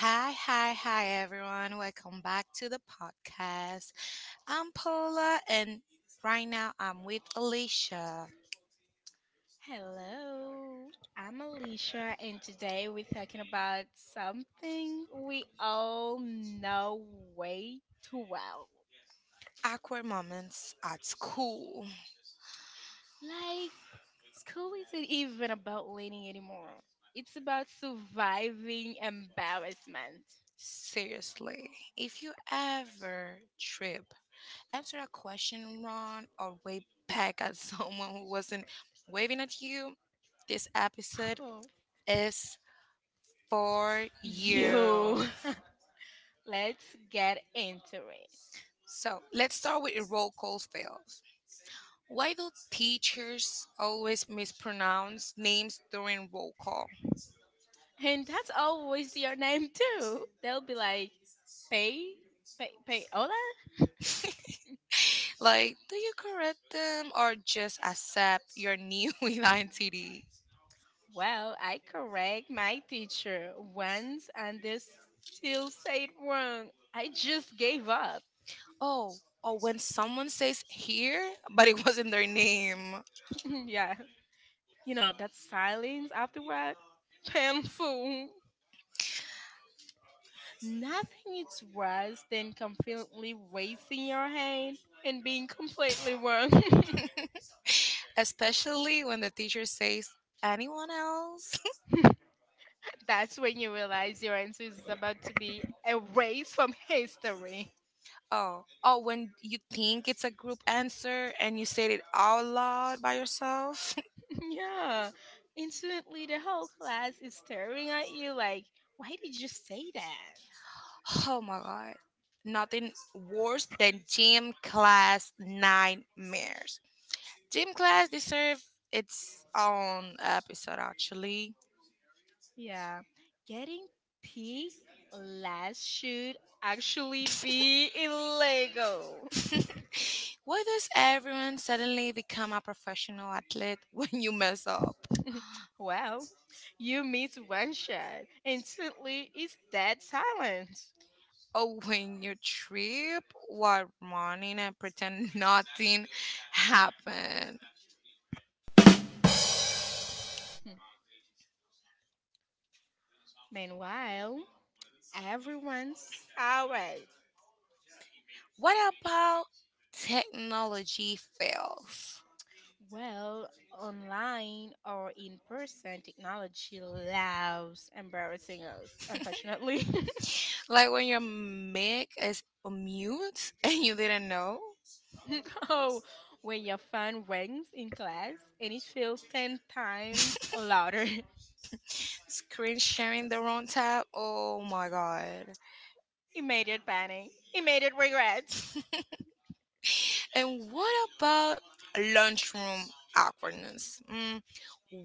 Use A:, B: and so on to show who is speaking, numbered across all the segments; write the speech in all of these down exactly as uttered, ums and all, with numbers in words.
A: Hi, hi, hi, everyone. Welcome back to the podcast. I'm Paula, and right now I'm with Alicia.
B: Hello, I'm Alicia, and today we're talking about something we all know way too well.
A: Awkward moments at school.
B: Like, school isn't even about learning anymore, it's about surviving embarrassment.
A: Seriously, if you ever trip, answer a question wrong or wave back at someone who wasn't waving at you, this episode
B: Oh,
A: is for you.
B: you! Let's get into it.
A: So let's start with the roll call fails. Why do teachers always mispronounce names during roll call?
B: And that's always your name, too. They'll be like, Pay, Pay, Pay, Hola?
A: Like, do you correct them or just accept your new identity?
B: Well, I correct my teacher once and they still say it wrong. I just gave up.
A: Oh, or when someone says here, but it wasn't their name,
B: Yeah. You know, that silence afterward, painful. Nothing is worse than completely raising your hand and being completely wrong.
A: especially when the teacher says anyone else.
B: That's when you realize your answer is about to be erased from history.
A: oh, oh, when you think it's a group answer and you said it out loud by yourself.
B: Yeah. Instantly, the whole class is staring at you like, why did you say that?
A: Oh my god. Nothing worse than gym class nightmares. Gym class deserve its own episode actually.
B: Yeah. Getting picked last should actually be illegal.
A: Why does everyone suddenly become a professional athlete when you mess up?
B: Well, you miss one shot. Instantly, it's dead silence.
A: Or when you trip while running and pretend nothing happened?
B: Meanwhile, everyone's sour.
A: What about technology fails?
B: Well, online or in person, technology loves embarrassing us, unfortunately.
A: Like when your mic is mute and you didn't know?
B: Oh, when your phone rings in class and it feels ten times louder.
A: Screen sharing the wrong tab. Oh my god.
B: Immediate panic, immediate regrets.
A: And what about lunchroom awkwardness? Mm,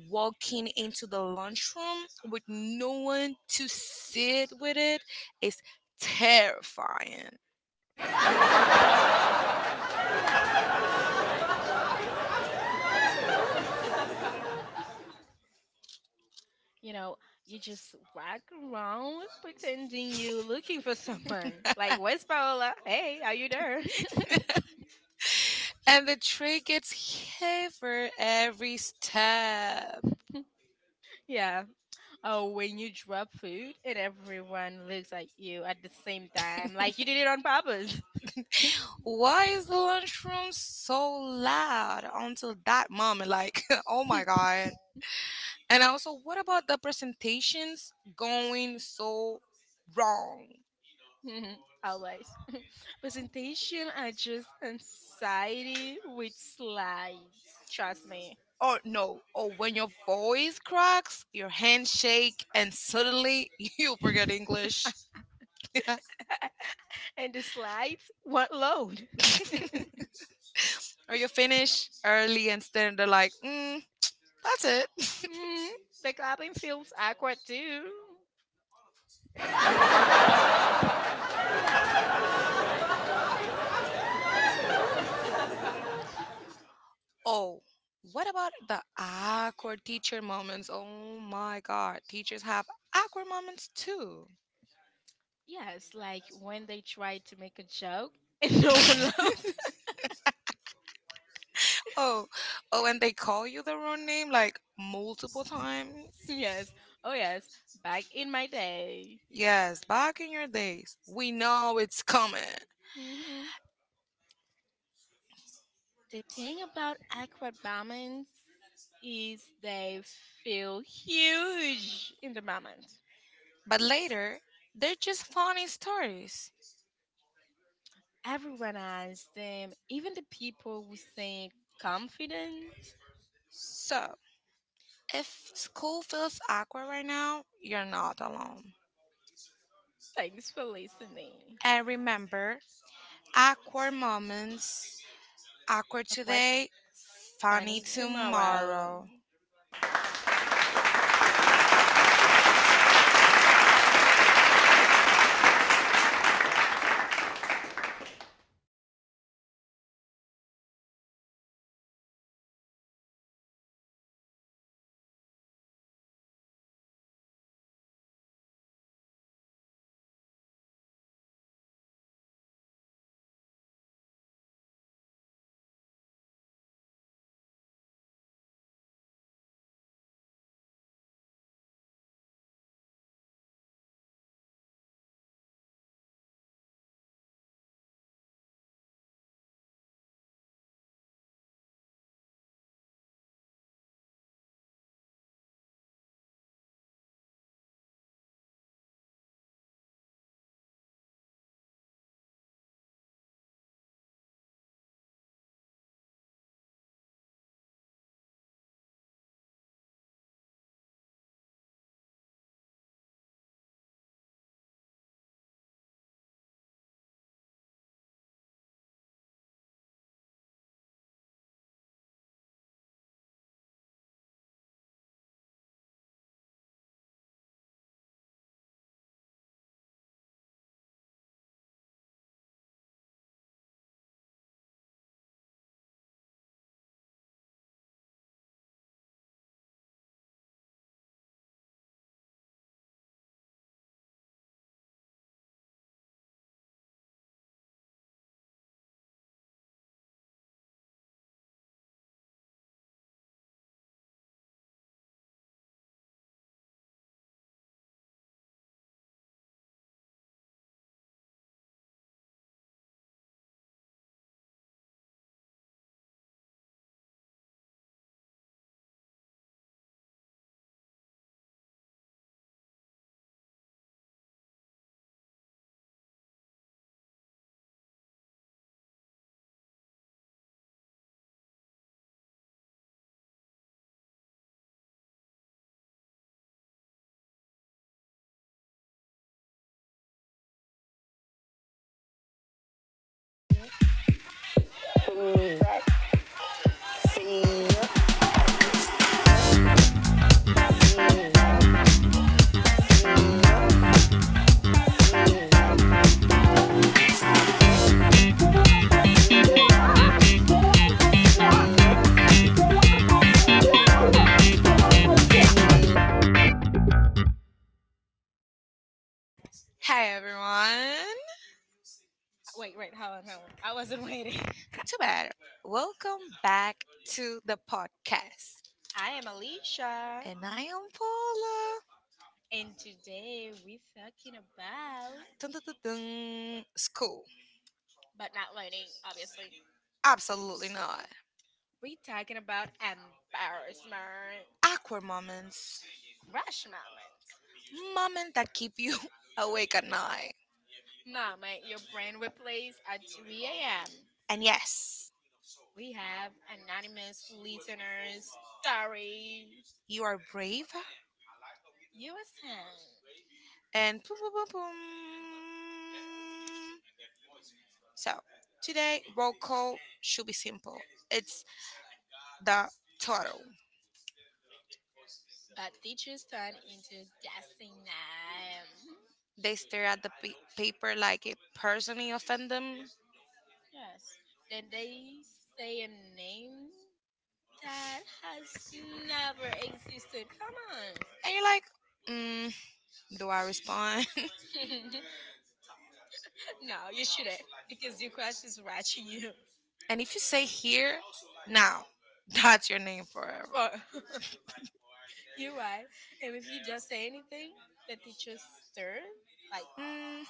A: walking into the lunchroom with no one to sit with it is terrifying.
B: You know, you just walk around pretending you're looking for someone. Like, where's Paola? Hey, are you there?
A: And the tray gets heavier every step.
B: Yeah. Oh, when you drop food and everyone looks at you at the same time, like you did it on purpose.
A: Why is the lunchroom so loud until that moment? Like, oh my god. And also, what about the presentations going so wrong?
B: Mhm. Always. Presentation are just anxiety with slides. Trust me.
A: Or no, or when your voice cracks, your hands shake, and suddenly you forget English.
B: And the slides won't load.
A: or you finish early and then they're like, mm, that's it.
B: Mm, the clapping feels awkward too.
A: oh, what about the awkward teacher moments? Oh my god, teachers have awkward moments too.
B: Yes, like when they try to make a joke and no one laughs.
A: Oh, oh, and they call you the wrong name like multiple times.
B: Yes. Oh, yes. Back in my day.
A: Yes, back in your days, we know it's coming.
B: hmm The thing about aquabombings is they feel huge in the moment.
A: But later, they're just funny stories.
B: Everyone has them, even the people who seem confident.
A: So, if school feels awkward right now, you're not alone.
B: Thanks for listening.
A: And remember, awkward moments, awkward
B: A quite
A: today, funny
B: funny tomorrow.
A: tomorrow. Hey everyone,
B: Wait, wait, hold on, hold on. I wasn't waiting.
A: too bad. Welcome back to the podcast.
B: I
A: I am
B: am
A: Alicia.
B: Alicia,
A: And I am Paula.
B: and today we're talking about,
A: Dun, dun, dun, dun. School.
B: but not learning, obviously.
A: Absolutely not.
B: We're talking about embarrassment.
A: Awkward moments.
B: Crash moment.
A: Moments that keep you awake at night.
B: Moment your brain replays at three a m.
A: And yes,
B: We have anonymous listeners story.
A: you are brave.
B: You listen.
A: And boom, boom, boom, boom. So, today, roll call should be simple. It's the total.
B: But teachers turn into guessing them.
A: They stare at the pa- paper like it personally offend them. And
B: Yes. Then they say a name that has never existed. Come
A: you're like, mm, do I respond?
B: on. No, you shouldn't. Because your crush is watching you.
A: and if you say here, now, that's your name forever.
B: For you're right. And if you just say anything, the teacher stirred. Like,
A: Mm,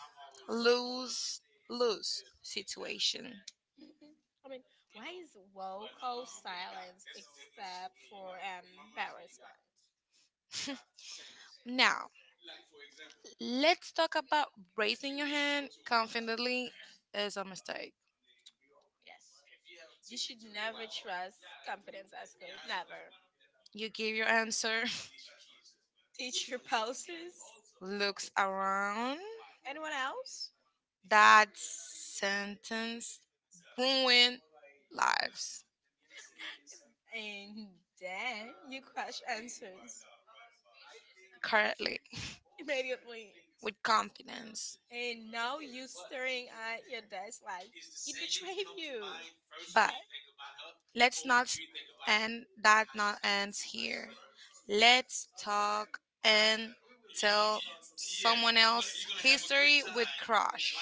A: lose lose situation.
B: mhm. I mean, why is vocal silence except for embarrassment?
A: Now, let's talk about raising your hand confidently is a mistake.
B: Yes. You should never trust confidence at school. Never.
A: You give your answer,
B: Teacher pauses.
A: looks around.
B: Anyone else?
A: That sentence ruin lives
B: And then you crush answers
A: currently
B: immediately.
A: with confidence.
B: And now you're staring at your desk like it betrayed you.
A: But Let's not s- and that not ends here. Let's talk and tell someone else history with crush.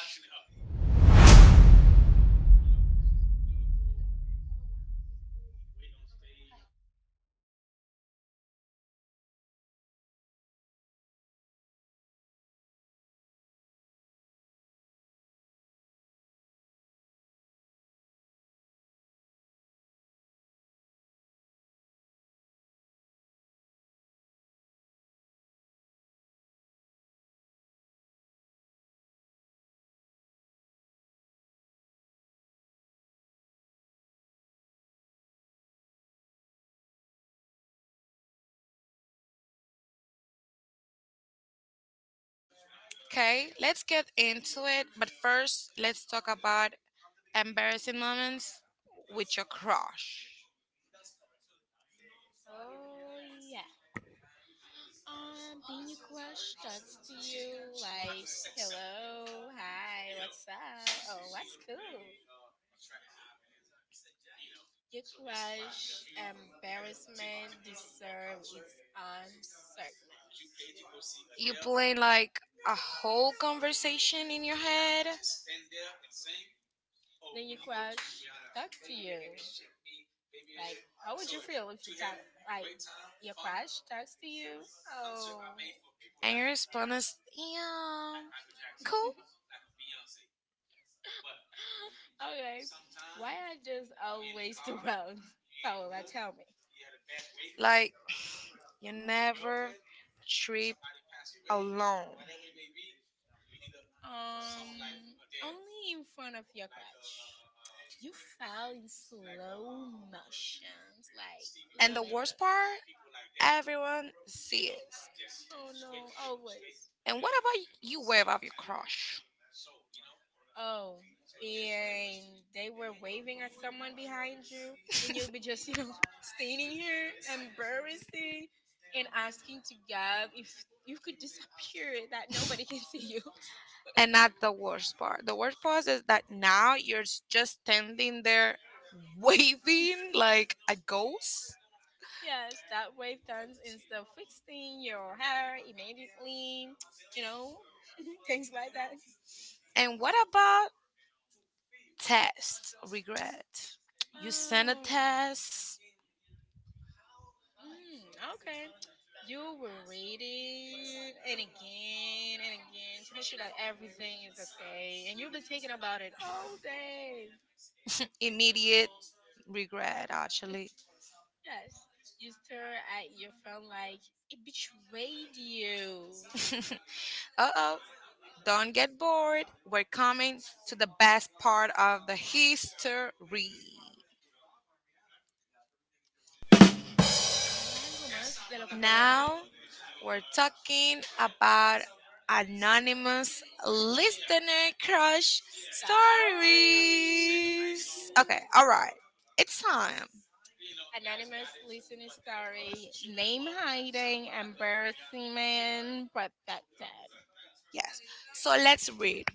A: Okay, let's get into it. But first, let's talk about embarrassing moments with your crush.
B: Oh yeah. Um, Bini Crush talks to you like, hello, hi, what's up? Oh, what's cool? Your crush embarrassment deserve its own segment.
A: You playing like a whole conversation in your head,
B: Then your crush talk to you like, how would you feel if you talk like your crush talks to you? Oh,
A: and your response is, "Yeah, cool."
B: okay. Why are those always the wrong? Paola, tell me.
A: Like you never trip alone.
B: Um, only in front of your crush. You fell in slow motions, like
A: And
B: little
A: the
B: by
A: worst
B: little.
A: part, everyone sees.
B: Oh no, always.
A: And what about you wave off your crush?
B: Oh, and they were waving at someone behind you, and you'll be just, you know, standing here, embarrassing, and asking to God if you could disappear that nobody can see you.
A: And not the worst part. The worst part is that now you're s- just standing there waving like a ghost.
B: Yes, that wave turns instead of fixing your hair immediately, you know, things like that.
A: And what about test regret? You send a
B: Oh.
A: test,
B: Mm, okay. You will read it and again and again to make sure that everything is okay. And you'll be thinking about it all day.
A: immediate regret actually.
B: Yes. You stare at your phone like it betrayed you.
A: Uh oh, don't get bored. We're coming to the best part of the history.
B: Hagamos algo más de lo que podíamos.
A: Now we're talking about anonymous listener crush
B: Stories.
A: stories. Okay, all right. It's time.
B: Anonymous listening story. Name hiding, embarrassment protected.
A: Yes. So let's read.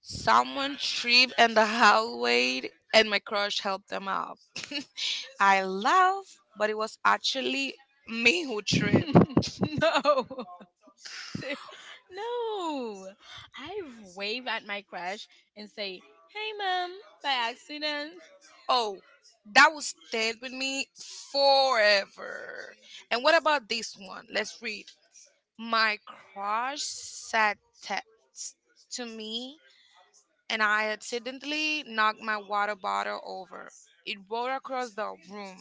A: Someone tripped in the hallway and my crush helped them up. I laugh, but it was actually me who tripped.
B: No. No. I wave at my crush and say, hey, mom, by accident.
A: Oh, that will stay with me forever. And what about this one? Let's read. My crush said text to me, and I accidentally knocked my water bottle over. It rolled across the room.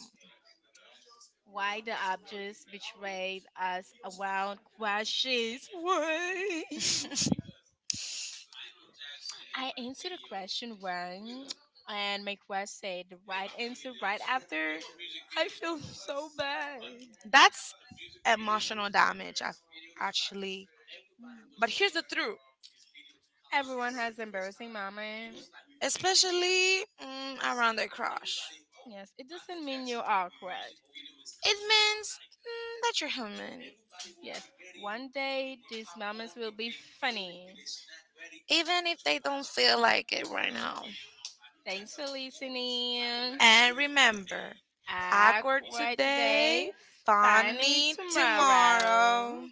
B: Why the objects betrayed us around questions? Why? I answered the question wrong, and my quest said the right answer right after. I feel so bad.
A: That's emotional damage, ac- actually. But here's the truth,
B: Everyone has embarrassing moment.
A: especially mm, around the crush.
B: Yes, it doesn't mean you're awkward.
A: It means mm, that you're human,
B: Yes, one day these moments will be funny.
A: even if they don't feel like it right now.
B: Thanks for listening.
A: And remember, awkward
B: Awkward
A: today,
B: today, funny
A: funny tomorrow.
B: tomorrow.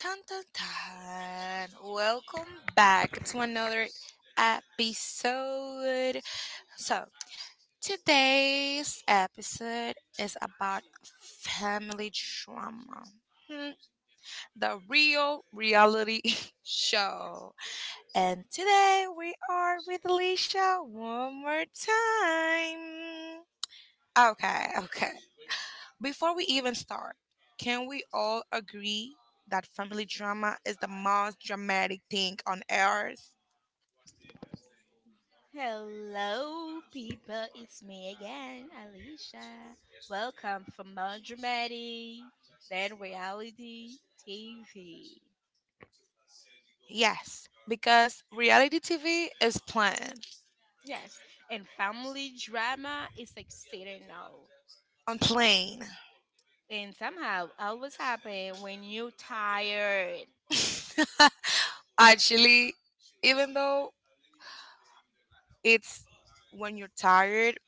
A: Tan tan tan. Welcome back to another episode. So, today's episode is about family drama. Hmm, The real reality show. And today we are with Alicia one more time. Okay, okay. Before we even start, can we all agree that family drama is the most dramatic thing on earth?
B: Hello, people. It's me again, Alicia. Welcome from melodramatic, then reality T V.
A: Yes, because reality T V is planned
B: Yes, and family drama is exciting now.
A: on plane.
B: And somehow, always happen when you're tired.
A: Actually, even though it's when you're tired,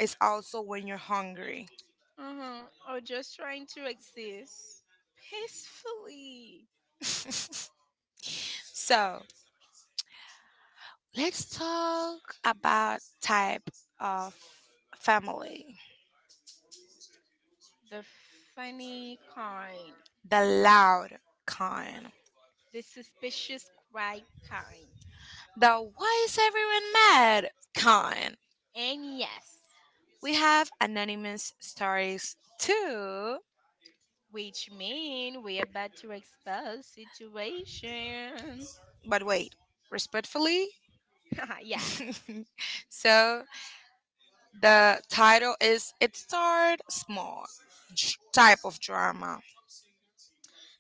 A: it's also when you're hungry.
B: Uh-huh, or just trying to exist peacefully.
A: so let's talk about type of family,
B: The funny kind,
A: the loud kind.
B: the suspicious quiet kind.
A: The why is everyone mad kind.
B: And yes.
A: We have anonymous stories too.
B: Which mean we're about to expose situation.
A: But wait, respectfully.
B: Yeah.
A: so the title is It Started Small J- Type of Drama.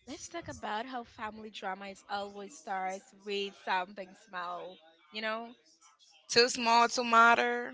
B: Let's talk about how family drama is always starts with something small, you know?
A: Too small to matter.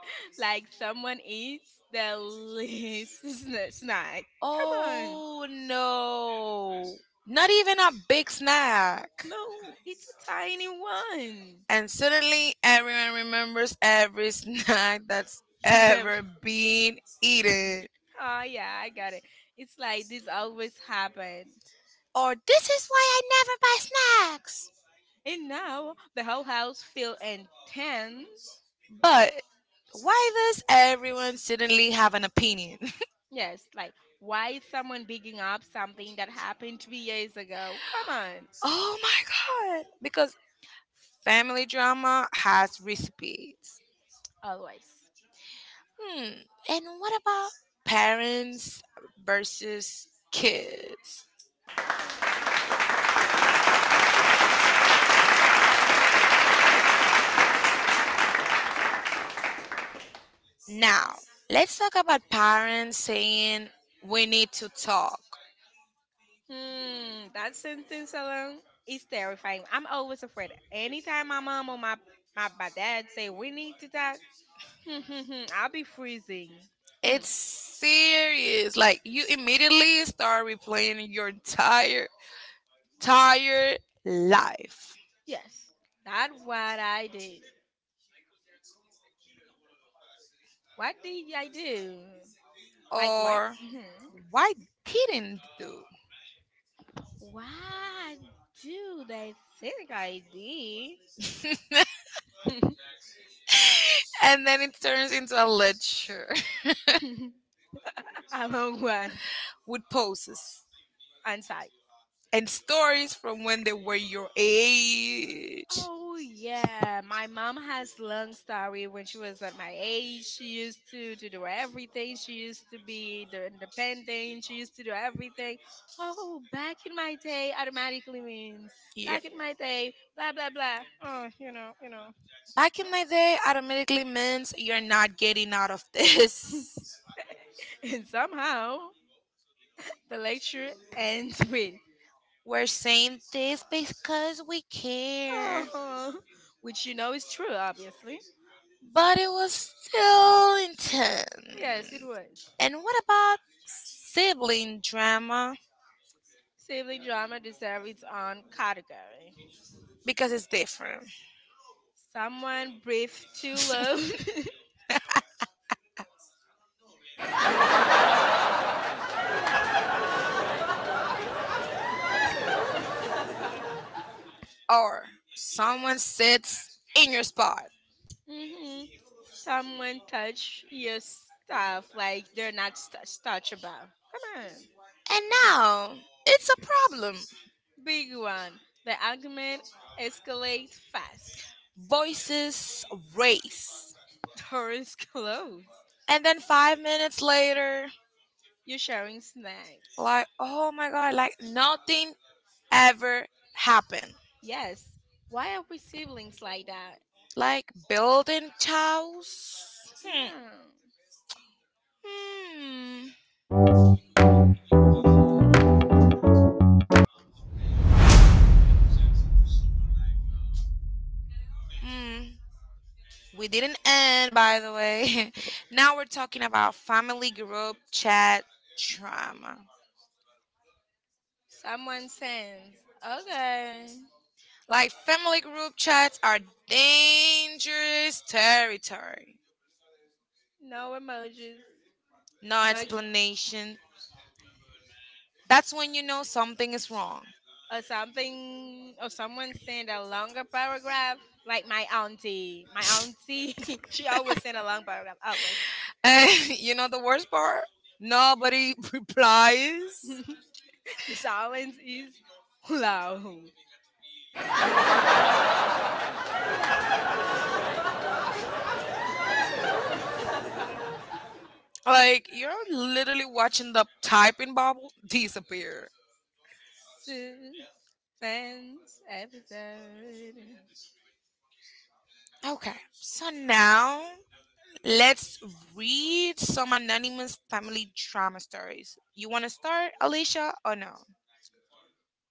B: Like someone eats the least sna- snack. Come on.
A: Oh no. Not even a big snack.
B: No, it's a tiny one.
A: And suddenly everyone remembers every snack that's ever been eaten.
B: Oh yeah, I got it. It's like this always happen.
A: Or this is why I never buy snacks.
B: And now the whole house feel intense.
A: But why does everyone suddenly have an opinion?
B: Yes, like why is someone digging up something that happened three years ago? Come on,
A: Oh my god. Because family drama has recipes.
B: always.
A: Hmm. And what about parents versus kids?
B: Oh.
A: Now, let's talk about parents saying we need to talk.
B: Hmm, that sentence alone is terrifying. I'm always afraid. Anytime my mom or my my, my dad say we need to talk, hmm, hmm, hmm, I'll be freezing. Hmm.
A: It's serious. Like you immediately start replaying your entire entire life
B: Yes, that's what I did. What did I do? Like what?
A: or
B: hmm
A: why didn't do.
B: What do they think I did?
A: And then it turns into a lecture
B: A long one.
A: with poses
B: And side.
A: and stories from when they were your age.
B: Oh yeah, my mom has long story. When she was at my age, she used to, to do everything. She used to be the independent. She used to do everything. Oh, back in my day, automatically means
A: Yeah,
B: back in my day, blah blah blah. Oh, you know, you know.
A: back in my day automatically means you're not getting out of this.
B: And somehow the lecture ends with
A: We're saying this because we care,
B: oh, which you know is true, obviously.
A: but it was still
B: Yes, it
A: intense.
B: was.
A: And what about sibling drama?
B: Sibling drama deserves its own category.
A: Because it's different.
B: Someone breathed too low.
A: Or someone sits in your spot.
B: hmm Someone touched your stuff like they're not st- touchable. Come on.
A: And now it's a problem.
B: Big one. The argument escalates fast.
A: Voices race.
B: Doors close.
A: And then five minutes later,
B: You're sharing snacks.
A: like, oh my God, like nothing ever happened.
B: Yes. Why are we siblings like that?
A: Like building chows. Hmm.
B: Yeah.
A: Hmm. Hmm. We didn't end, by the way. Now we're talking about family group chat trauma.
B: Someone sends. Okay.
A: Like family group chats are dangerous territory.
B: No emojis.
A: No
B: No. Ex-
A: explanation. That's when you know something is wrong.
B: or something or someone send a longer paragraph like my auntie my auntie she always send a long paragraph always.
A: And you know the worst part? Nobody replies.
B: The silence is loud,
A: Like you're literally watching the typing bubble disappear.
B: suspense episode.
A: Okay, so now let's read some anonymous family drama stories. You want to start, Alicia, or no?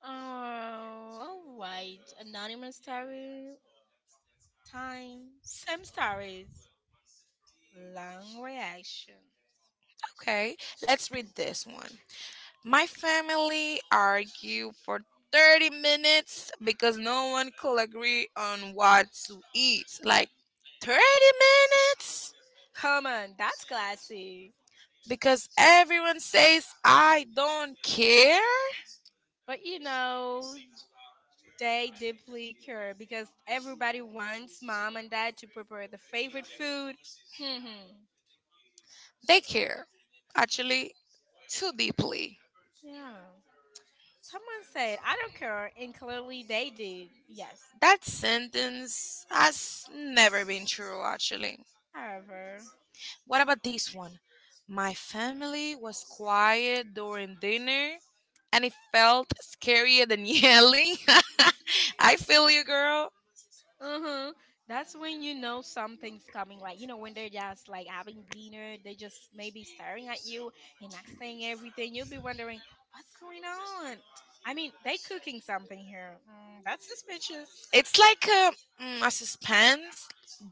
B: Oh, all right, anonymous story time, same stories, long reaction.
A: Okay, let's read this one. My family argued for thirty minutes because no one could agree on what to eat. Like thirty minutes?
B: Come on, that's classy.
A: Because everyone says I don't care.
B: But you know, they deeply care because everybody wants mom and dad to prepare the favorite food. Hmm.
A: They care, actually, too deeply.
B: Yeah. Someone said, I don't care, and clearly they did. Yes.
A: That sentence has never been true, actually.
B: However,
A: What about this one? My family was quiet during dinner and it felt scarier than yelling. I feel you, girl.
B: uh huh. That's when you know something's coming. Like, you know, when they're just like having dinner, they just maybe staring at you and not saying everything. You'll be wondering, what's going on? I mean, they cooking something here. Mm, that's suspicious.
A: It's like a, mm, a suspense.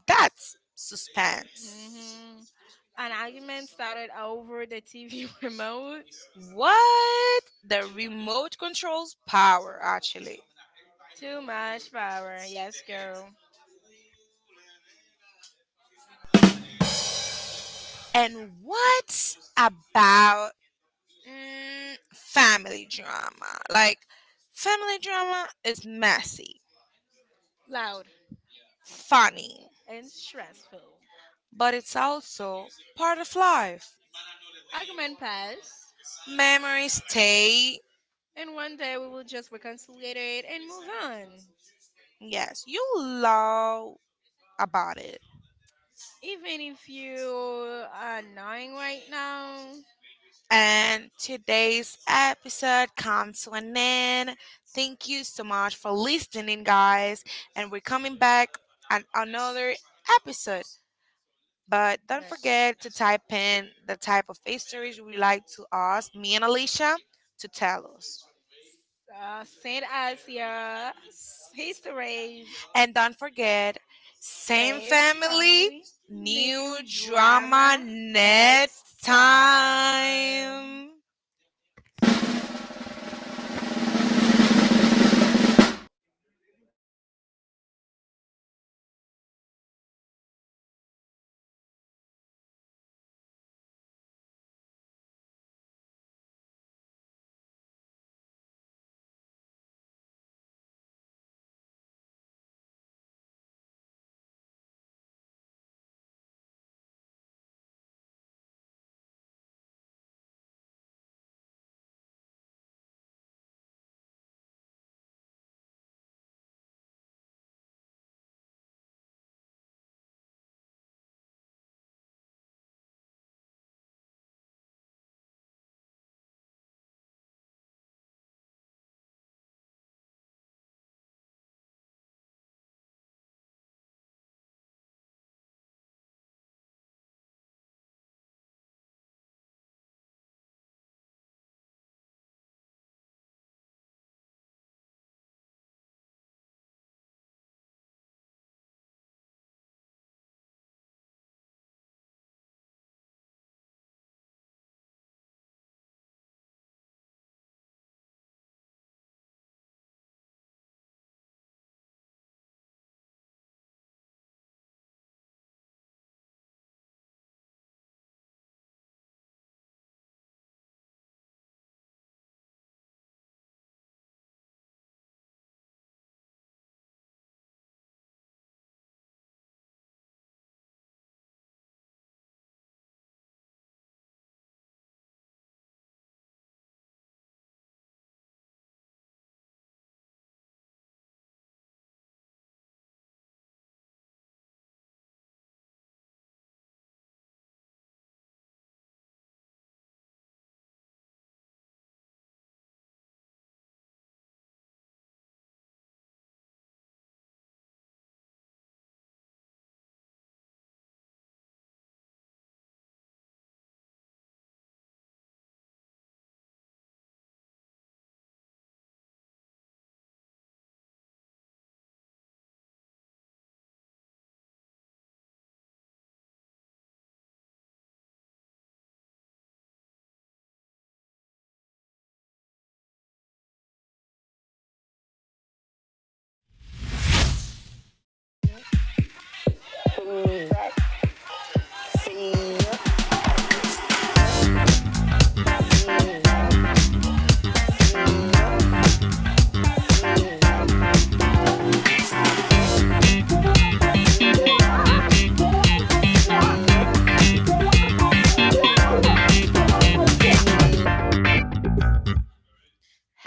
A: That's suspense.
B: hmm An argument started over the T V remote.
A: What? The remote controls power, actually.
B: Too much power, yes, girl.
A: And what about mm, family drama? Like, family drama is messy,
B: Loud
A: funny,
B: and stressful.
A: but it's also part of life.
B: Argument pass,
A: Memories stay.
B: and one day we will just reconcile it and move on.
A: Yes, you love about it.
B: Even if you are annoying right now,
A: And today's episode comes to an end. Thank you so much for listening, guys. And we're coming back on another episode. But don't
B: but
A: forget to type in the type of histories you would like to us, me and Alicia, to tell us.
B: uh, send us your histories.
A: And don't forget, same
B: Save
A: family,
B: family,
A: new
B: new
A: drama
B: drama next
A: next
B: time.
A: time.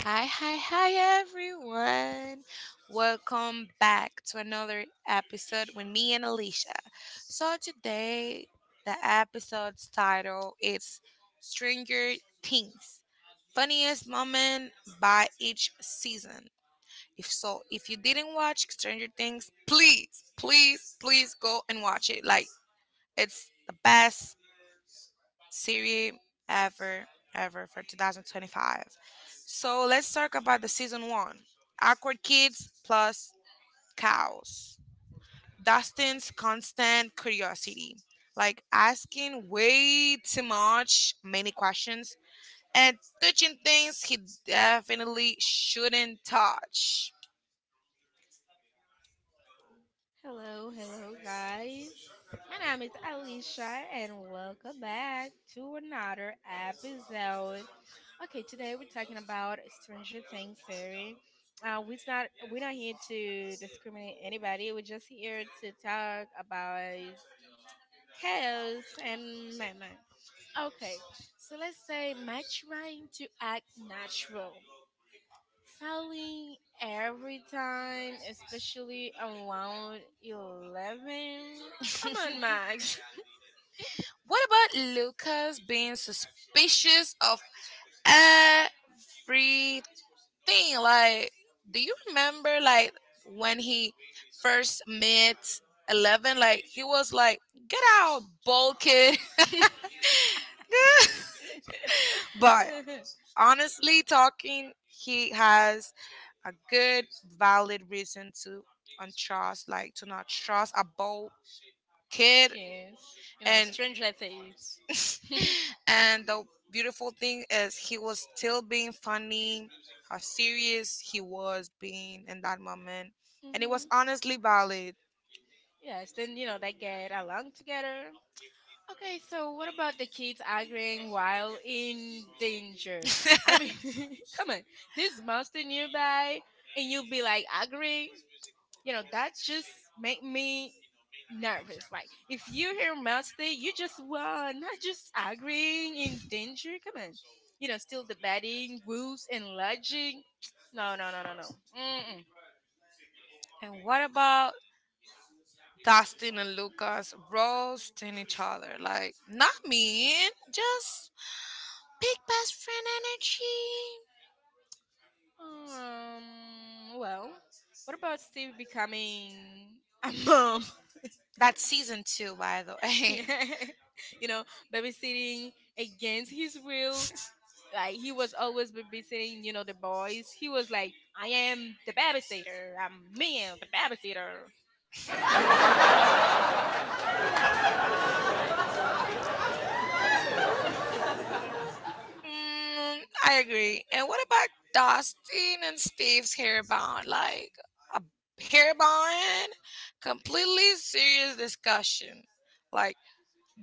A: Hi, hi, hi, everyone. Welcome back to another episode with me and Alicia. So, today, the episode's title is Stranger Things Funniest Moment by Each Season. If so, if you didn't watch Stranger Things, please, please, please go and watch it. Like it's the best series ever, ever for twenty twenty-five. So let's talk about the season one. Awkward kids plus cows. Dustin's constant curiosity, like asking way too much, many questions, and touching things he definitely shouldn't touch.
B: Hello, hello, guys. My name is Alicia, and welcome back to another episode. Okay, today we're talking about Stranger Things theory. Uh, we're not we're not here to discriminate anybody. We're just here to talk about chaos and meme. Okay, so let's say my trying to act natural, failing every time, especially around eleven. Come on, Max.
A: What about Lucas being suspicious of everything? Like, do you remember, like, when he first met Eleven? Like, he was like, get out, bold kid. But honestly talking, he has a good, valid reason to untrust, like, to not trust a bold kid
B: Kiss. You know,
A: and
B: stranger things.
A: Things. And the beautiful thing is he was still being funny how serious he was being in that moment, and it was
B: Mhm.
A: honestly valid.
B: Yes, then, you know, they get along together. Okay, so what about the kids arguing while in danger? I mean,
A: Arguing.
B: come on, this monster nearby, and you'll be like arguing. You know, that just make me nervous. Like, if you hear monster, you just run, not just arguing in danger. Come on, you know, still debating rules and lodging. No, no, no, no, no. Mm-mm.
A: And what about Dustin and Lucas roasting each other, like not mean, just big best friend energy?
B: Um, well, what about Steve becoming a mom?
A: That's season two by the way.
B: Yeah, you know, babysitting against his will, like he was always babysitting, you know, the boys. He was like, I am the babysitter, i'm me I'm the babysitter.
A: Mm, I agree. And what about Dustin and Steve's hair bond? Like a hair bond, completely serious discussion. Like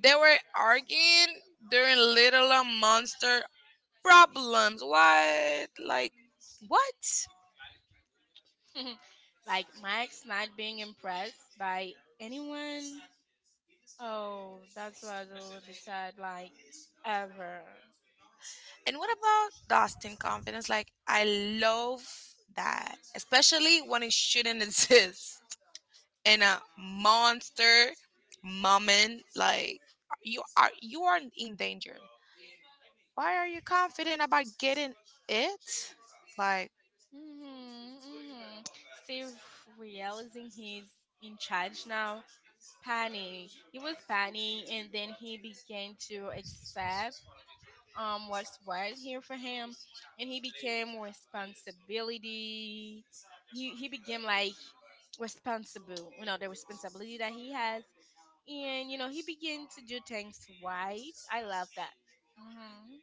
A: they were arguing during Little and Monster problems. What? Like what?
B: Like Max not being impressed by anyone. Oh, that's what was a little bit sad, like, ever.
A: And what about Dustin confidence? Like I love that, especially when it shouldn't exist. And a monster moment, like you are you are in danger, why are you confident about getting it, like?
B: hmm hmm Steve realizing he's in charge now, panic. He was panic, and then he began to accept um what's right here for him, and he became responsibility. He he became like responsible, you know, the responsibility that he has, and you know, he began to do things right. I love that. hmm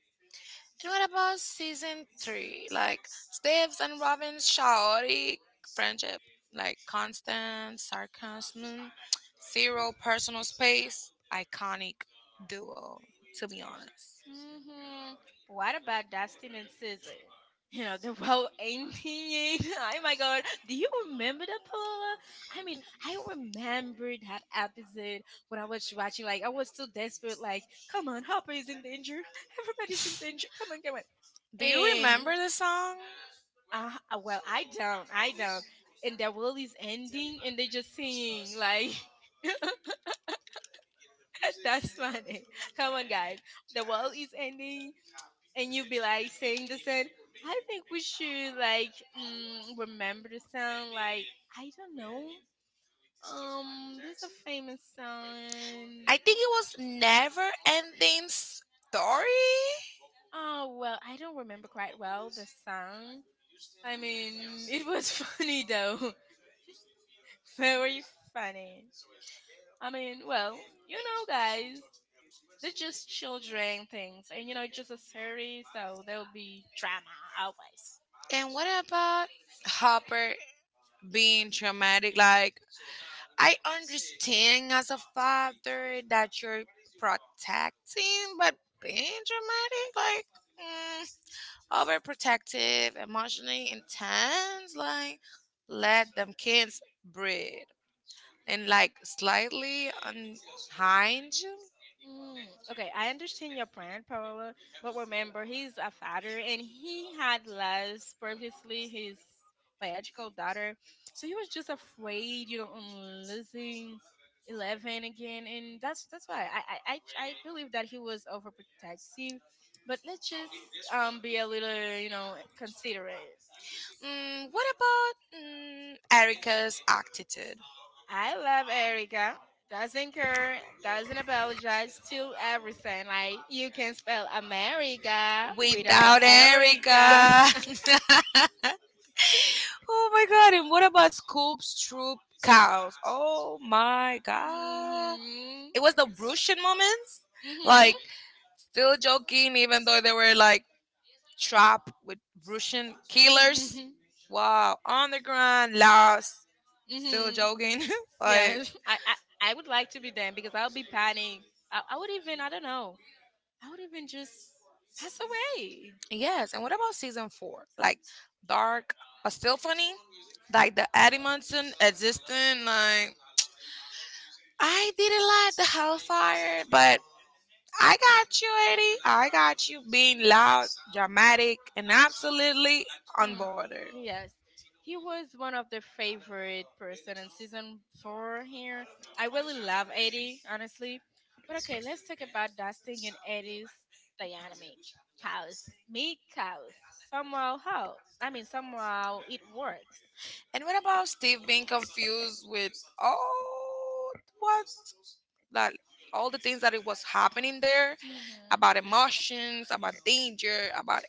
A: And what about season three, like Steve's and Robin's chaotic friendship, like constant sarcasm, zero personal space, iconic duo, to be honest.
B: hmm What about Dustin and Susan? You know, the whole ending. Oh my god. Do you remember the Paula? I mean, I remember that episode when I was watching. Like, I was so desperate. Like, come on, Hopper is in danger. Everybody's in danger. Come on, come on.
A: Do you
B: And
A: remember the song?
B: uh, uh, well, I don't, I don't. And the world is ending, and they just singing like that's funny. Come on, guys, the world is ending, and you be like saying the same. I think we should like mm, remember the song. Like I don't know. Um, there's a famous song.
A: I think it was Never Ending Story.
B: Oh well, I don't remember quite well the song. I mean, it was funny though, very funny. I mean, well, you know, guys, they're just children things, and you know, it's just a series, so there'll be drama always.
A: And what about Hopper being traumatic? Like, I understand as a father that you're protecting, but being traumatic, like, mm, overprotective, emotionally intense, like, let them kids breathe. And like slightly unhinged.
B: Mm, okay, I understand your plan, Paola, but remember, he's a father and he had lost previously his biological daughter, so he was just afraid, you know, on losing Eleven again, and that's that's why I I I, I believe that he was overprotective, but let's just um be a little, you know, considerate.
A: Mm, what about mm, Erica's attitude?
B: I love Erica. Doesn't care, doesn't apologize to everything. Like you can spell America without
A: Without
B: Erica.
A: Erica. oh my god. And what about Scoop's troop cows? Oh my god. It
B: Mhm.
A: was the Russian moments. Like
B: Mhm.
A: still joking, even though they were like trapped with Russian killers.
B: Mhm.
A: Wow. On the ground, lost. Still
B: Mhm.
A: joking. like
B: Yes, I, I I would like to be them because I'll be panicked. I, I would even, I don't know. I would even just pass away.
A: yes, and what about season four? Like dark, but still funny. Like the Eddie Munson existing. Like I didn't like the Hellfire, but I got you, Eddie. I got you being loud, dramatic, and absolutely on
B: Mm.
A: border.
B: Yes, he was one of the favorite person in season four here. I really love eighty, honestly. But okay, let's talk about dusting in eighties dynamic. House. Me, house. Somehow, how? I mean, somehow it works.
A: And what about Steve being confused with all what that all the things that it was happening there
B: Mhm.
A: about emotions, about danger, about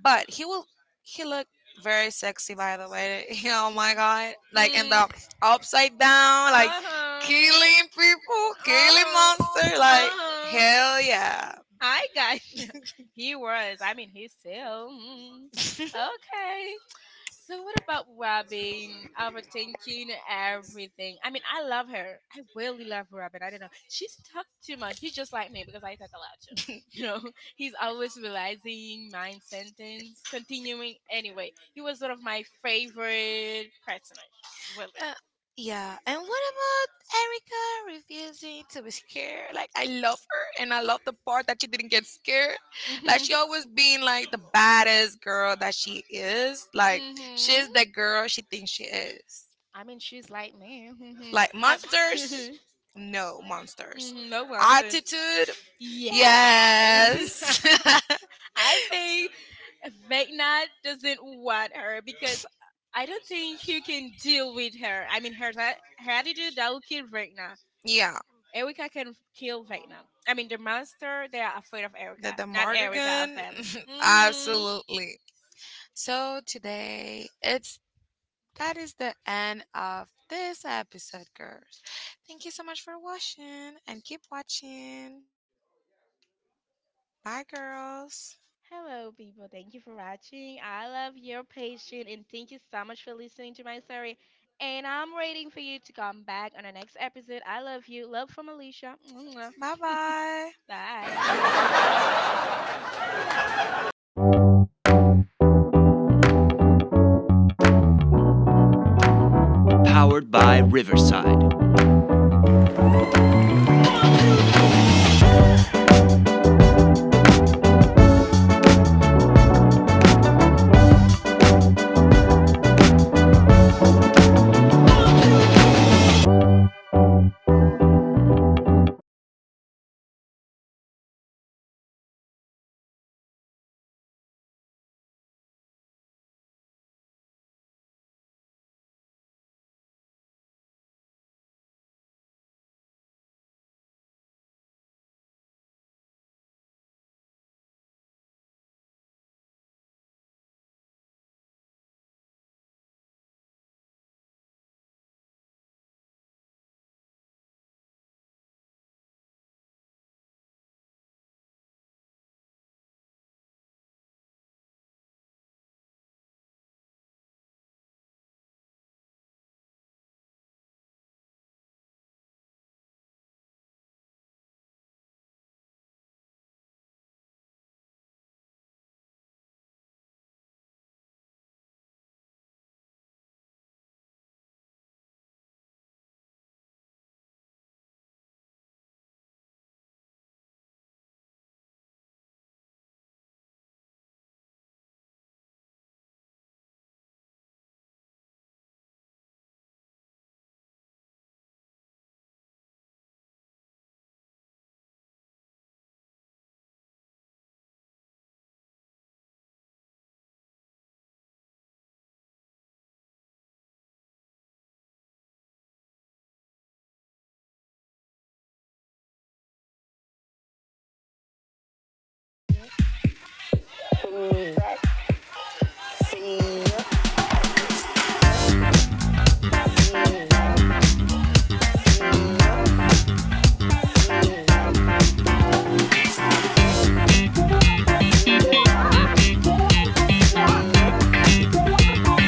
A: But he will he looked very sexy, by the way. Oh my god. Like in
B: Mhm.
A: the upside down, like
B: Uh huh.
A: killing people,
B: Uh
A: killing
B: huh. Uh
A: monster, like
B: huh.
A: hell yeah.
B: I got you. He was. I mean, he's still. Mm, okay. So what about Robin overthinking everything? I mean, I love her. I really love Robin. I don't know. She's talked too much. He's just like me because I talk a lot too. You know, he's always realizing mind sentence, continuing anyway. He was one of my favorite personages, really.
A: Uh, yeah. And what about Erica refusing to be scared? Like I love her, and I love the part that she didn't get scared. Like
B: Hmm.
A: she always being like the baddest girl that she is. Like
B: Hmm.
A: she's the girl she thinks she is.
B: I mean, she's like me. Hmm.
A: Like
B: I,
A: monsters. No, monsters.
B: mhm, no monsters.
A: Attitude.
B: Yeah.
A: Yes.
B: I think Vecna doesn't want her because I don't think he can deal with her. I mean, her that- her attitude that will kill Vecna.
A: yeah,
B: Erica can kill Vecna. I mean, the monster they are afraid of
A: the
B: Erica,
A: the
B: not Erica of
A: Mardigan.
B: them. Hmm.
A: Absolutely. So today, it's that is the end of this episode, girls. Thank you so much for watching, and keep watching. Bye, girls.
B: Hello, people. Thank you for watching. I love your patience and thank you so much for listening to my story. And I'm waiting for you to come back on the next episode. I love you. Love from Alicia. Mwah.
A: Bye bye.
B: Bye.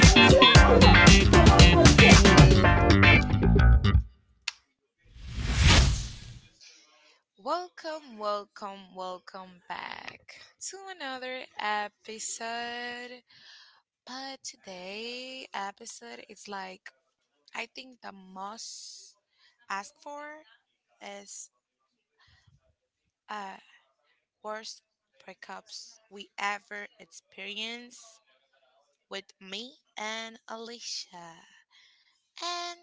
A: See ya. Welcome, welcome, welcome back to another episode. But today episode is like, I think, the most asked for is uh worst breakups we ever experienced, with me and Alicia. And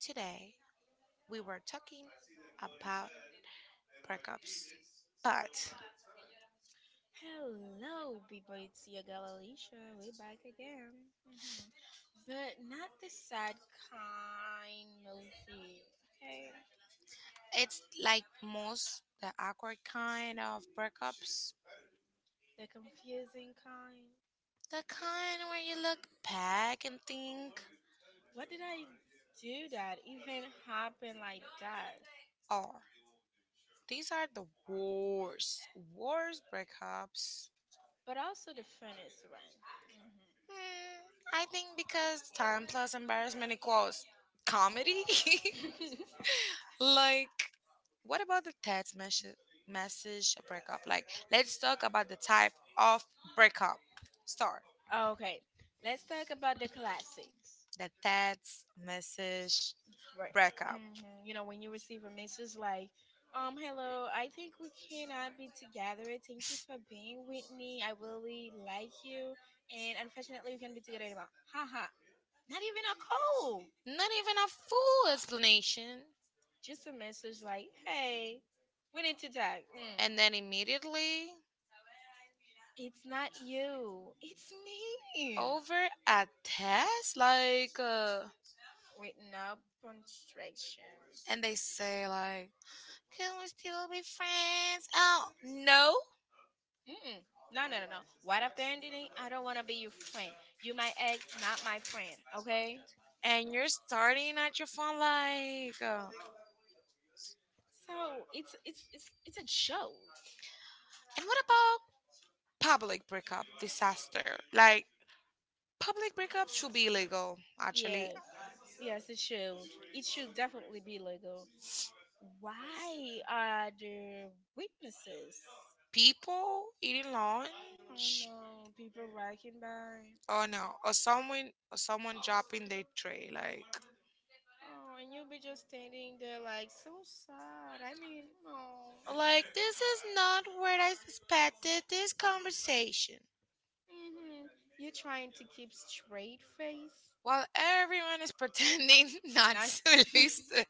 A: today we were talking about breakups. But
B: Hello, people. It's your girl Alicia. We're back again. Hmm. But not the sad kind movie, okay?
A: it's like most the awkward kind of breakups.
B: The confusing kind.
A: The kind where you look back and think,
B: What did I do that even happened like that?
A: oh, these are the worst, worst breakups.
B: But also the furnace one.
A: Hmm, I think because time plus embarrassment equals comedy. Like, what about the text message? Message breakup. Like, let's talk about the type of breakup. Start
B: Okay, let's talk about the classics.
A: the text message
B: Right.
A: breakup.
B: Hmm. You know, when you receive a message like, um, hello, I think we cannot be together. Thank you for being with me. I really like you. And unfortunately, we can't be together anymore. Haha. Not even a call.
A: Not even a full explanation.
B: Just a message like, hey, we need to talk. Mm.
A: And then immediately
B: It's not you. It's me.
A: over a test like uh
B: With no punctuation.
A: and they say like, can we still be friends? Oh no.
B: Mm-mm. No, no, no, no. Right after ending, I don't want to be your friend. You my ex, not my friend. Okay.
A: And you're starting at your phone like, uh,
B: So it's it's it's it's a joke.
A: and what about public breakup disaster? Like, public breakups should be illegal, actually.
B: Yes. Yes, it should. It should definitely be legal. Why are there witnesses?
A: People eating
B: Oh
A: lunch,
B: no, people walking by.
A: oh no, or someone, or someone dropping their tray, like
B: Oh, and you'll be just standing there like so sad. I mean, no.
A: Like, this is not where I expected this conversation.
B: Hmm. You're trying to keep straight face.
A: While everyone is pretending not
B: Nice.
A: to listen.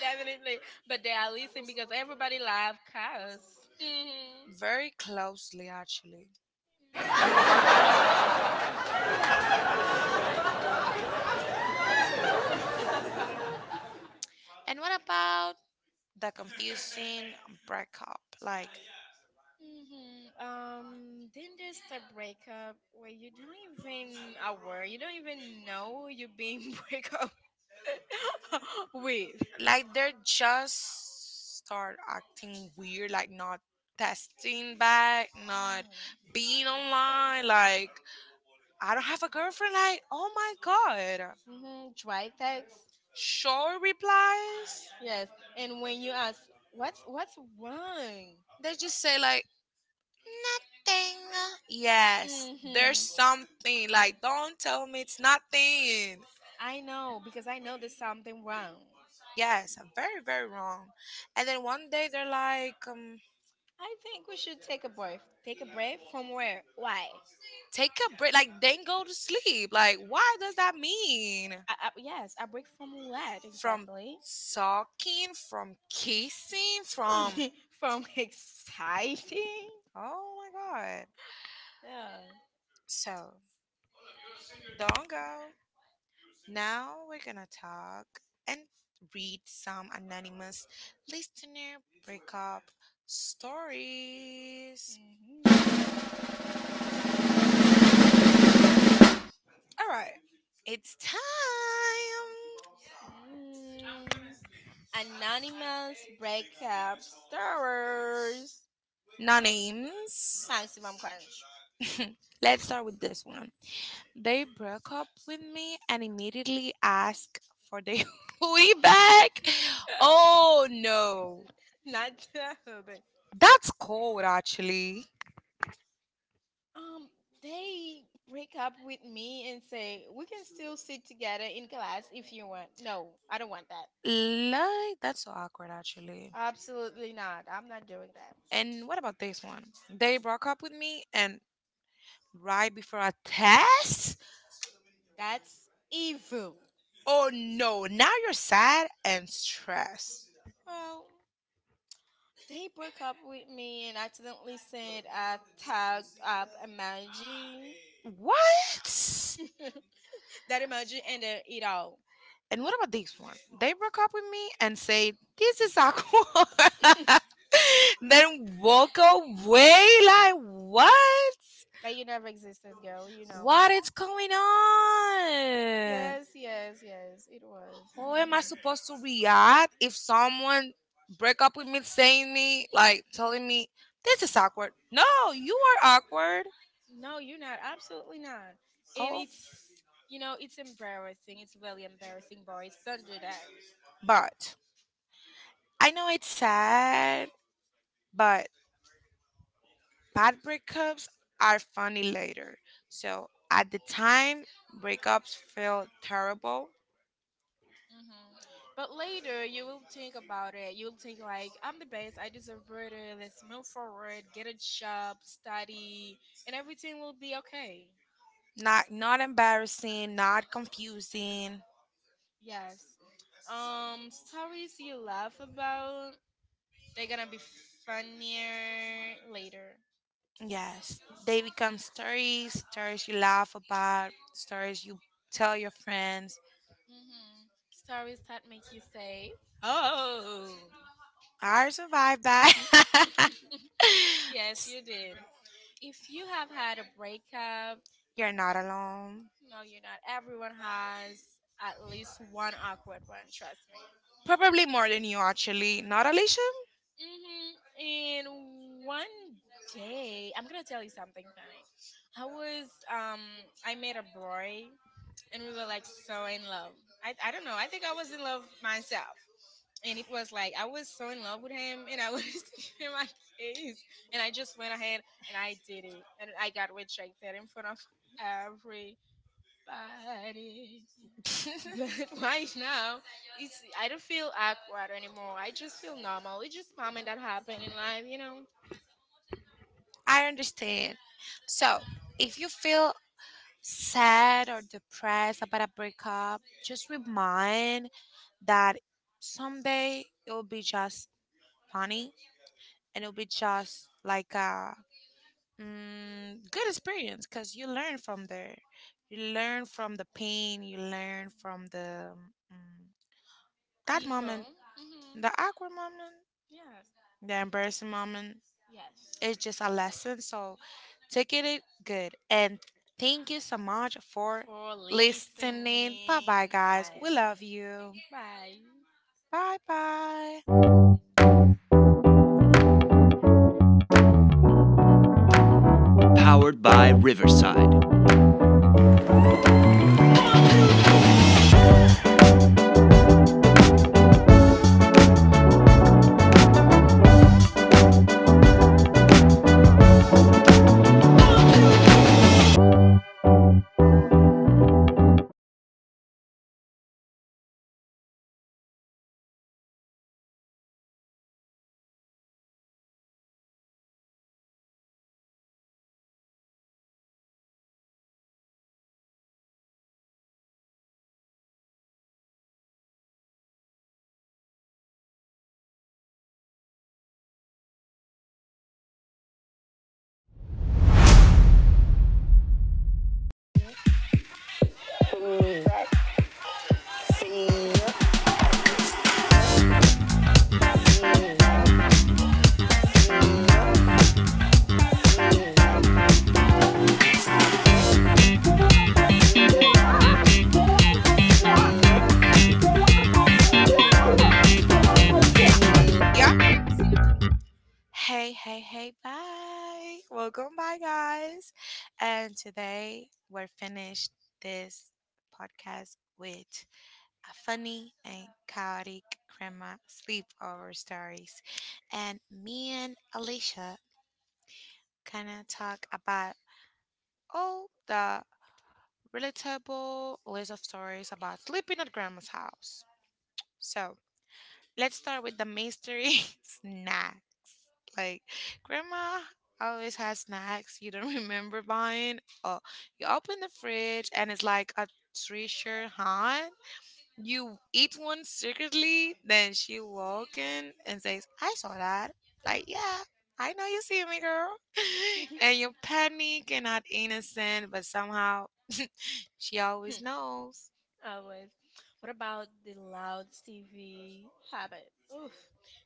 B: Definitely. But they are listening because everybody love cows. Hmm.
A: Very closely, actually. And what about the confusing breakup? Like,
B: Hmm. Um, then there's the breakup where you don't even aware, you don't even know you're being break up with.
A: like they're just start acting weird, like not testing back, not
B: Mm-hmm.
A: being online. Like, I don't have a girlfriend. Like, oh my God.
B: Mm-hmm. Dry text.
A: Short replies.
B: Yes. And when you ask, what's what's wrong?
A: They just say, like, nothing. Yes,
B: Hmm.
A: there's something. Like, don't tell me it's nothing.
B: I know because I know there's something wrong.
A: Yes, I'm very, very wrong. And then one day they're like, um,
B: I think we should take a break. Take a break from where? Why?
A: take a break. Like, then go to sleep. Like, why does that mean?
B: Uh, uh, yes, a break from what
A: From
B: exactly?
A: talking, from kissing, from.
B: From exciting?
A: Oh my God.
B: Yeah.
A: So, don't go. Now we're gonna talk and read some anonymous listener breakup stories.
B: Hmm.
A: All right, it's time.
B: Mm. Anonymous breakup stories.
A: No names.
B: Maximum crunch.
A: Let's start with this one. They broke up with me and immediately asked for their booty back. Oh no,
B: No. Not Jacob.
A: that's cold, actually.
B: Um, they break up with me and say, "We can still sit together in class if you want." No, I don't want that.
A: Like, that's so awkward, actually.
B: Absolutely not. I'm not doing that.
A: And what about this one? They broke up with me and right before a test?
B: That's evil.
A: Oh no, now you're sad and stressed.
B: Well, they broke up with me and accidentally sent a tagged up emoji.
A: What?
B: That emoji ended it all.
A: And what about this one? They broke up with me and say, this is awkward. Then walk away like, what?
B: Like you never existed, girl, you know.
A: What is going on?
B: Yes, yes, yes, it was.
A: How
B: Mhm.
A: am I supposed to react if someone break up with me saying me, like telling me, this is awkward? No, you are awkward.
B: No, you're not. Absolutely not. And
A: Oh,
B: it's, you know, it's embarrassing. It's really embarrassing, boys. Don't do that.
A: but I know it's sad, but bad breakups are funny later. So at the time, breakups feel terrible,
B: Hmm. But later, you will think about it. You'll think, like, I'm the best. I deserve better. Let's move forward, get a job, study, and everything will be okay.
A: not not embarrassing, not confusing.
B: Yes. Um, stories you laugh about, they're gonna be funnier later.
A: Yes, they become stories, stories you laugh about, stories you tell your friends.
B: Hmm. Stories that make you say, oh.
A: I survived that.
B: Yes, you did. If you have had a breakup,
A: You're not alone.
B: no, you're not. Everyone has at least one awkward one, trust me.
A: Probably more than you, actually. Not Alicia?
B: Hmm. And one day, I'm gonna tell you something funny. I was, um, I met a boy, and we were like so in love. I, I don't know. I think I was in love myself. And it was like I was so in love with him, and I wanted to give him a kiss, and I just went ahead and I did it, and I got rejected
A: Everybody.
B: in front of everybody. But
A: Right
B: right
A: now,
B: now,
A: it's,
B: it's
A: I
B: I
A: don't
B: don't
A: feel
B: feel
A: bad
B: awkward
A: anymore.
B: anymore.
A: I
B: I just
A: just
B: feel
A: feel
B: normal. It's
A: knowledge
B: just
A: is common
B: moment that
A: that
B: happened
A: happened in
B: in life,
A: life, you
B: you
A: know?
B: know.
A: I understand. So, if you feel sad or depressed about a breakup, just remind that someday it will be just funny, and it'll be just like a mm, good experience because you learn from there. You learn from the pain. You learn from the mm, that moment,
B: People. Hmm.
A: the awkward moment,
B: Yes.
A: the embarrassing moment.
B: Yes.
A: It's just a lesson. So take it good, and thank you so much for
B: For
A: listening. Bye
B: listening.
A: bye, guys.
B: Bye.
A: We love you. Bye bye. Yeah. Hey, hey, hey, bye. Welcome, bye, guys. And today we're finished this podcast with a funny and chaotic grandma sleepover stories. And me and Alicia gonna talk about all the relatable list of stories about sleeping at grandma's house. So let's start with the mystery snack. Like, grandma always has snacks you don't remember buying. Oh, you open the fridge and it's like a treasure hunt. You eat one secretly, then she walk in and says, I saw that. Like, yeah, I know you see me, girl. And you panic and not
B: Bye.
A: innocent, but somehow she always knows.
B: Always. What about the loud T V habit? Oof.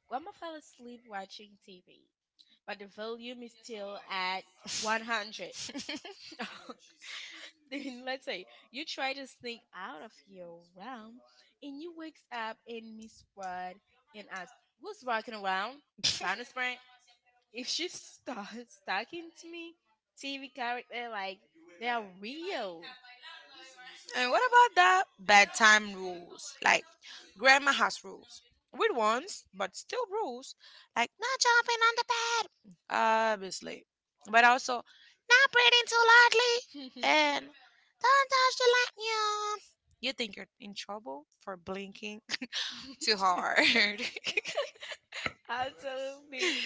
B: Grandma fell asleep watching T V, but the volume is still at one hundred. Then let's say you try to sneak out of your room, and you wakes up and Miss Rudd and asks, "Who's walking around?" Bonus spring. If she starts talking to me, T V character like they are real.
A: And what about the bedtime rules? Like, grandma has rules. Weird ones, but still rules. Like, not jumping on the bed, obviously. But also, not breathing too loudly. And don't touch the light. Yeah. You think you're in trouble for blinking too hard.
B: Absolutely.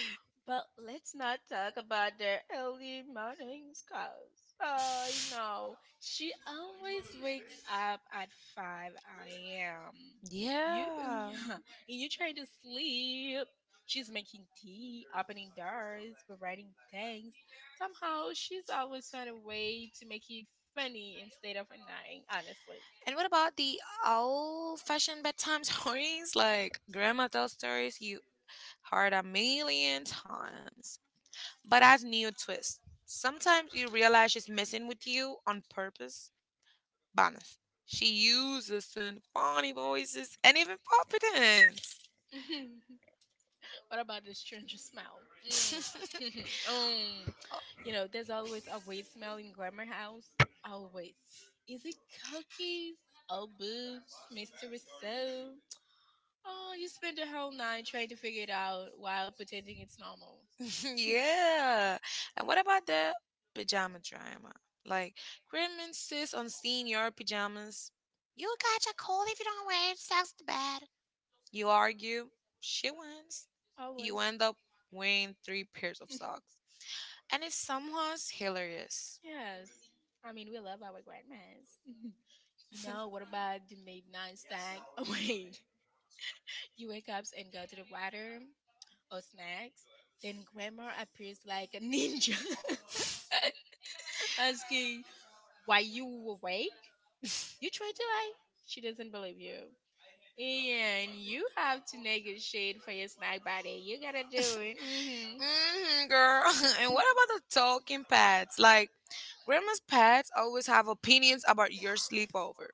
B: But let's not talk about their early mornings, cause oh, I know she always wakes up at five a m.
A: You,
B: You,
A: yeah.
B: yeah, and you
A: You
B: try
A: trying
B: to
A: to
B: sleep.
A: sleep.
B: She's
A: She's making
B: making
A: tea,
B: tea,
A: opening
B: opening doors,
A: doors,
B: providing
A: providing
B: things.
A: things. Somehow,
B: Somehow,
A: she's
B: she's always
A: always found
B: found a
A: a way
B: way
A: to
B: to make
A: make
B: it
A: it funny
B: funny
A: instead
B: instead of
A: of annoying,
B: annoying, honestly.
A: honestly. And what about the old-fashioned bedtime stories? Like, grandma tells stories you heard a million times, but as new twist. Sometimes you realize she's messing with you on purpose. Banas. She uses in funny voices and even
B: What about the strange smile? Mm. um, you know, there's always a weird smell in Grammar House. Always.
A: confidence.
B: Is it cookies? Old boobs? Mystery soap? Oh, you spend the whole night trying to figure it out while pretending it's normal.
A: Yeah. And what about the pajama drama? Like, Grim insists on seeing your pajamas. You'll catch a cold if you don't wear it. Socks to bed. You argue. She wins.
B: Always.
A: You end up wearing three pairs of socks. And it somehow is hilarious.
B: Yes. I mean, we love our grandmas. You know, what about the midnight snack? Wait. You wake up and go to the water, or snacks, then Grandma appears like a ninja, asking why you awake. You try to lie, she doesn't believe you. And you have to
A: Shade
B: negotiate for your snack buddy. You gotta
A: buddy.
B: do it. Hmm.
A: Mhm. Hmm, girl. And what about the talking pets? Like, grandma's pets always have opinions about your sleepover.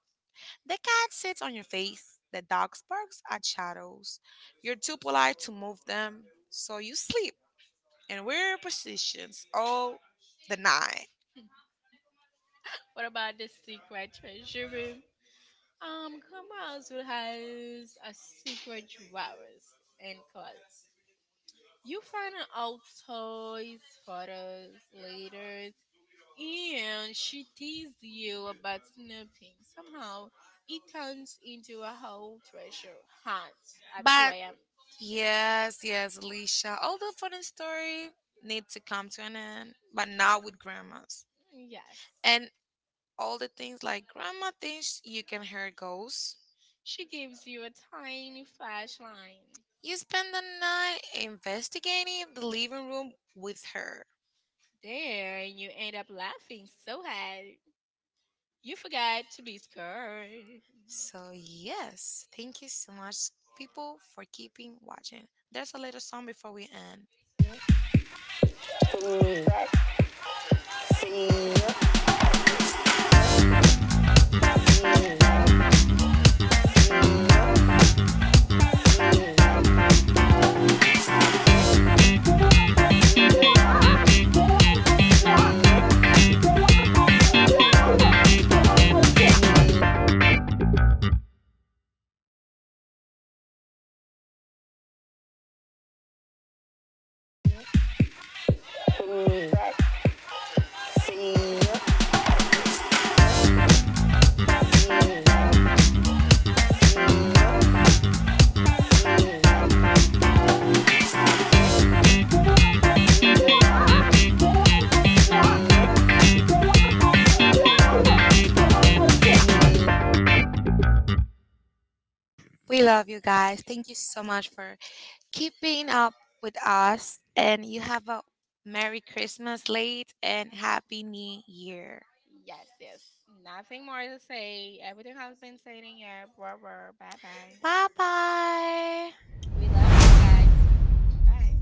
A: The cat sits on your face, the dog barks at shadows. You're too polite to move them, so you sleep in weird positions all the night.
B: What about the secret treasure room? Um, Grandma also has a secret drawers and clothes. You find out toys, photos, letters, and she teased you about snooping. Somehow, it turns into a whole treasure hunt at
A: But
B: two a m.
A: yes, yes, Alicia. All the fun and story need to come to an end, but not with grandmas.
B: Yes.
A: And all the things like grandma thinks you can hear ghosts.
B: She gives you a tiny flashlight.
A: You spend the night investigating the living room with her.
B: There, and you end up laughing so hard. You forgot to be scared.
A: So yes, thank you so much, people, for keeping watching. There's a little song before we end. We love you guys. Thank you so much for keep being up with us, and you have a Merry Christmas late and Happy New Year.
B: Yes, yes. Nothing more to say. Everything has been said in here. Bye bye.
A: Bye bye.
B: We love you guys. Bye.